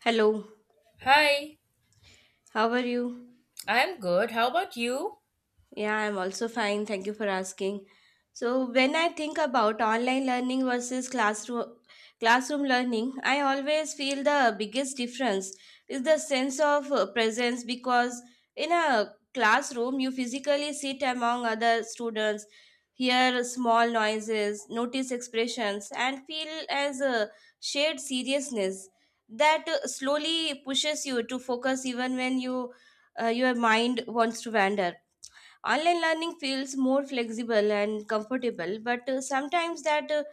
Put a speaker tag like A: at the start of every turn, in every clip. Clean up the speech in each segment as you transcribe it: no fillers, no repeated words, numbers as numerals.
A: Hello,
B: Hi,
A: how are you?
B: I'm good. How about you?
A: Yeah, I'm also fine. Thank you for asking. So, when I think about online learning versus classroom learning, I always feel the biggest difference is the sense of presence, because in a classroom you physically sit among other students, hear small noises, notice expressions and feel as a shared seriousness that slowly pushes you to focus even when you your mind wants to wander. Online learning feels more flexible and comfortable, but sometimes that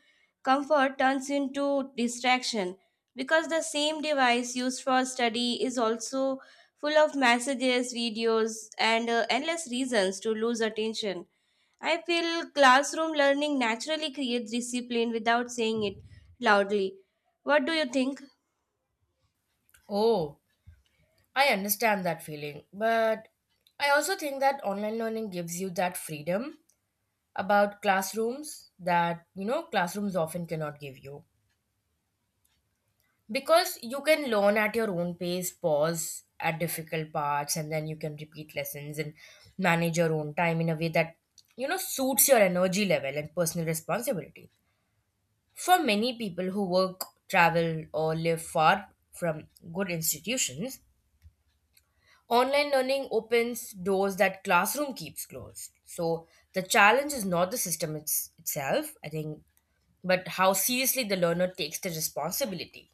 A: comfort turns into distraction, because the same device used for study is also full of messages, videos, and endless reasons to lose attention. I feel classroom learning naturally creates discipline without saying it loudly. What do you think?
B: Oh, I understand that feeling. But I also think that online learning gives you that freedom about classrooms that, you know, classrooms often cannot give you. Because you can learn at your own pace, pause at difficult parts, and then you can repeat lessons and manage your own time in a way that, you know, suits your energy level and personal responsibility. For many people who work, travel, or live far from good institutions, online learning opens doors that classroom keeps closed. So the challenge is not the system itself, I think, but how seriously the learner takes the responsibility.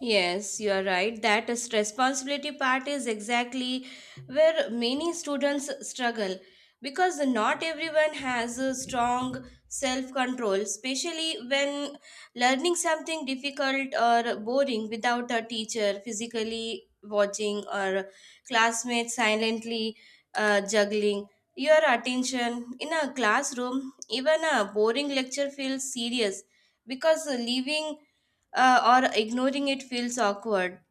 A: Yes, you are right. That is responsibility part is exactly where many students struggle, because not everyone has a strong self control, especially when learning something difficult or boring without a teacher physically watching or classmates silently juggling your attention. In a classroom even a boring lecture feels serious, because leaving or ignoring it feels awkward.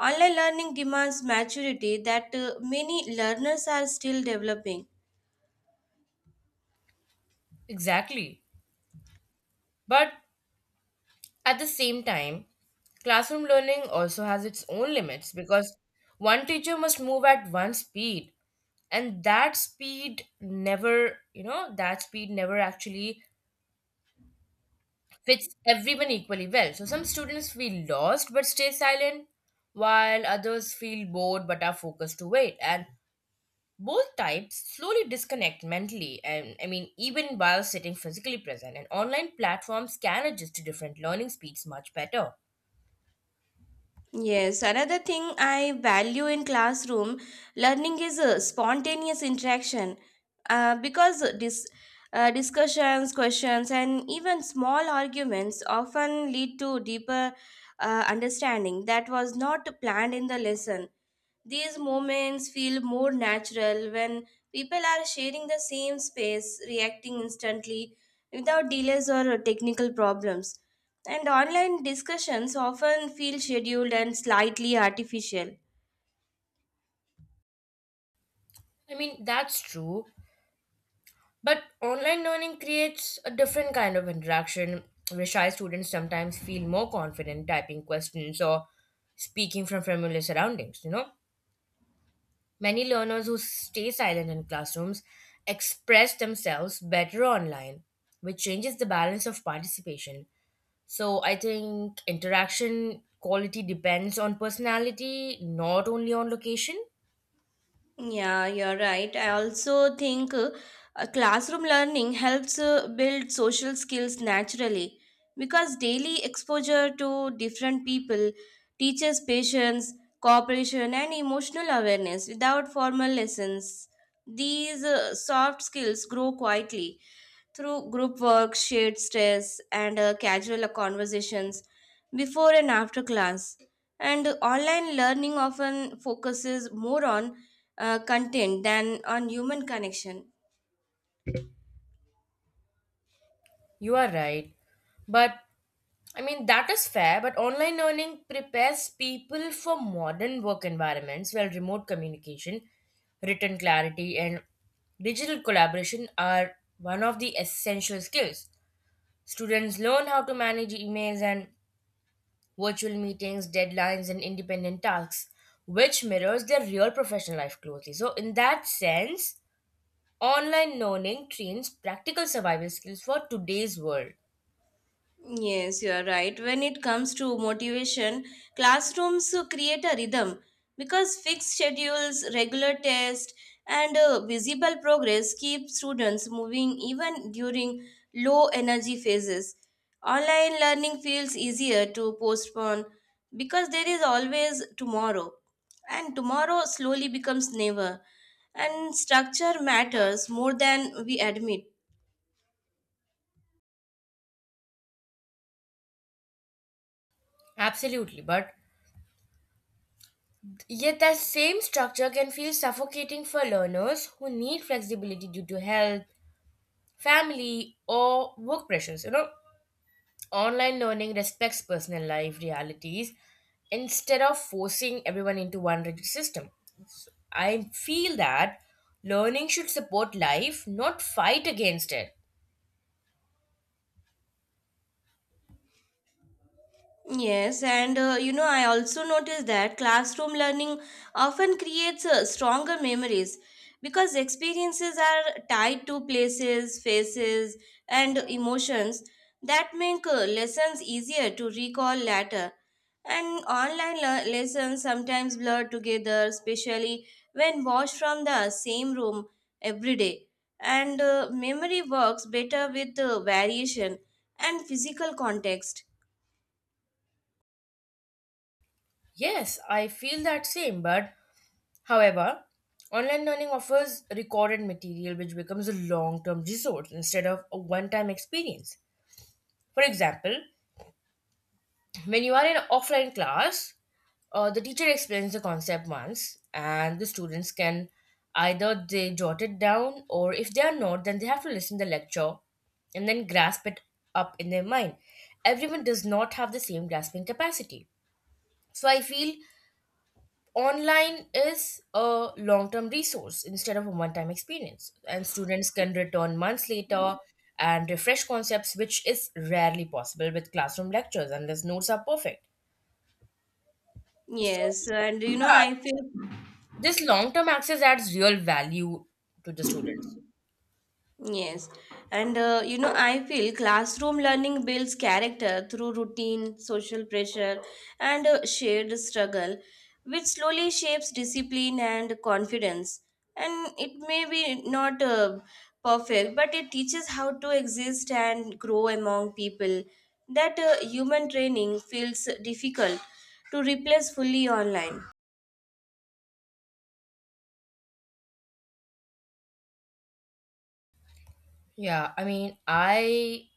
A: Online learning demands maturity that many learners are still developing.
B: Exactly. But at the same time, classroom learning also has its own limits because one teacher must move at one speed and that speed never actually fits everyone equally well. So some students feel lost but stay silent, while others feel bored but are focused to wait. And both types slowly disconnect mentally, and I mean, even while sitting physically present. And online platforms can adjust to different learning speeds much better.
A: Yes, another thing I value in classroom learning is spontaneous interaction, because discussions, questions, and even small arguments often lead to deeper understanding that was not planned in the lesson. These moments feel more natural when people are sharing the same space, reacting instantly without delays or technical problems. And online discussions often feel scheduled and slightly artificial.
B: I mean, that's true. But online learning creates a different kind of interaction where shy students sometimes feel more confident typing questions or speaking from familiar surroundings, you know? Many learners who stay silent in classrooms express themselves better online, which changes the balance of participation. So I think interaction quality depends on personality, not only on location.
A: Yeah, you're right. I also think classroom learning helps build social skills naturally, because daily exposure to different people teaches patience, cooperation, and emotional awareness without formal lessons. These soft skills grow quietly through group work, shared stress, and casual conversations before and after class. And online learning often focuses more on content than on human connection.
B: You are right. But I mean, that is fair, but online learning prepares people for modern work environments where remote communication, written clarity, and digital collaboration are one of the essential skills. Students learn how to manage emails and virtual meetings, deadlines, and independent tasks, which mirrors their real professional life closely. So, in that sense, online learning trains practical survival skills for today's world.
A: Yes, you are right. When it comes to motivation, classrooms create a rhythm, because fixed schedules, regular tests, and visible progress keep students moving even during low energy phases. Online learning feels easier to postpone, because there is always tomorrow, and tomorrow slowly becomes never. And structure matters more than we admit.
B: Absolutely, but yet that same structure can feel suffocating for learners who need flexibility due to health, family, or work pressures. You know, online learning respects personal life realities instead of forcing everyone into one rigid system. So I feel that learning should support life, not fight against it.
A: Yes, and you know, I also noticed that classroom learning often creates stronger memories, because experiences are tied to places, faces, and emotions that make lessons easier to recall later. And online lessons sometimes blur together, especially when watched from the same room every day. And memory works better with variation and physical context.
B: Yes, I feel that same, but however, online learning offers recorded material which becomes a long term resource instead of a one time experience. For example, when you are in offline class, the teacher explains the concept once, and the students can either they jot it down, or if they are not, then they have to listen the lecture and then grasp it up in their mind. Everyone does not have the same grasping capacity, so I feel online is a long-term resource instead of a one-time experience, and students can return months later and refresh concepts, which is rarely possible with classroom lectures unless notes are perfect. So
A: Yes, and you know,
B: yeah,
A: I feel
B: this long term access adds real value to the students.
A: yes, and you know, I feel classroom learning builds character through routine, social pressure, and shared struggle, which slowly shapes discipline and confidence. And it may be not perfect, but it teaches how to exist and grow among people. That human training feels difficult to replace fully online.
B: Yeah, I mean, I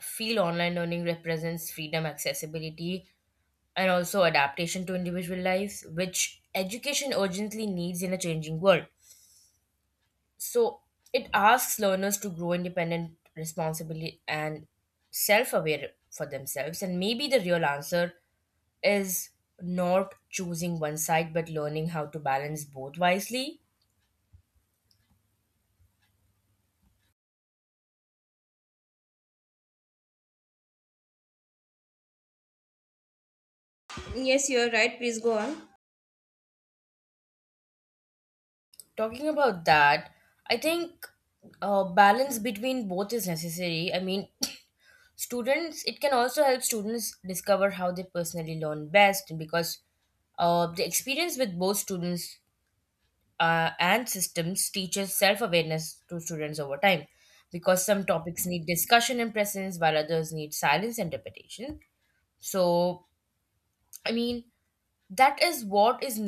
B: feel online learning represents freedom, accessibility, and also adaptation to individual lives, which education urgently needs in a changing world. So it asks learners to grow independent, responsible, and self aware for themselves. And maybe the real answer is not choosing one side, but learning how to balance both wisely.
A: Yes, you're right. Please go on.
B: Talking about that, I think balance between both is necessary. I mean, it can also help students discover how they personally learn best because the experience with both students and systems teaches self awareness to students over time because some topics need discussion and presence while others need silence and repetition. So, I mean, that is what is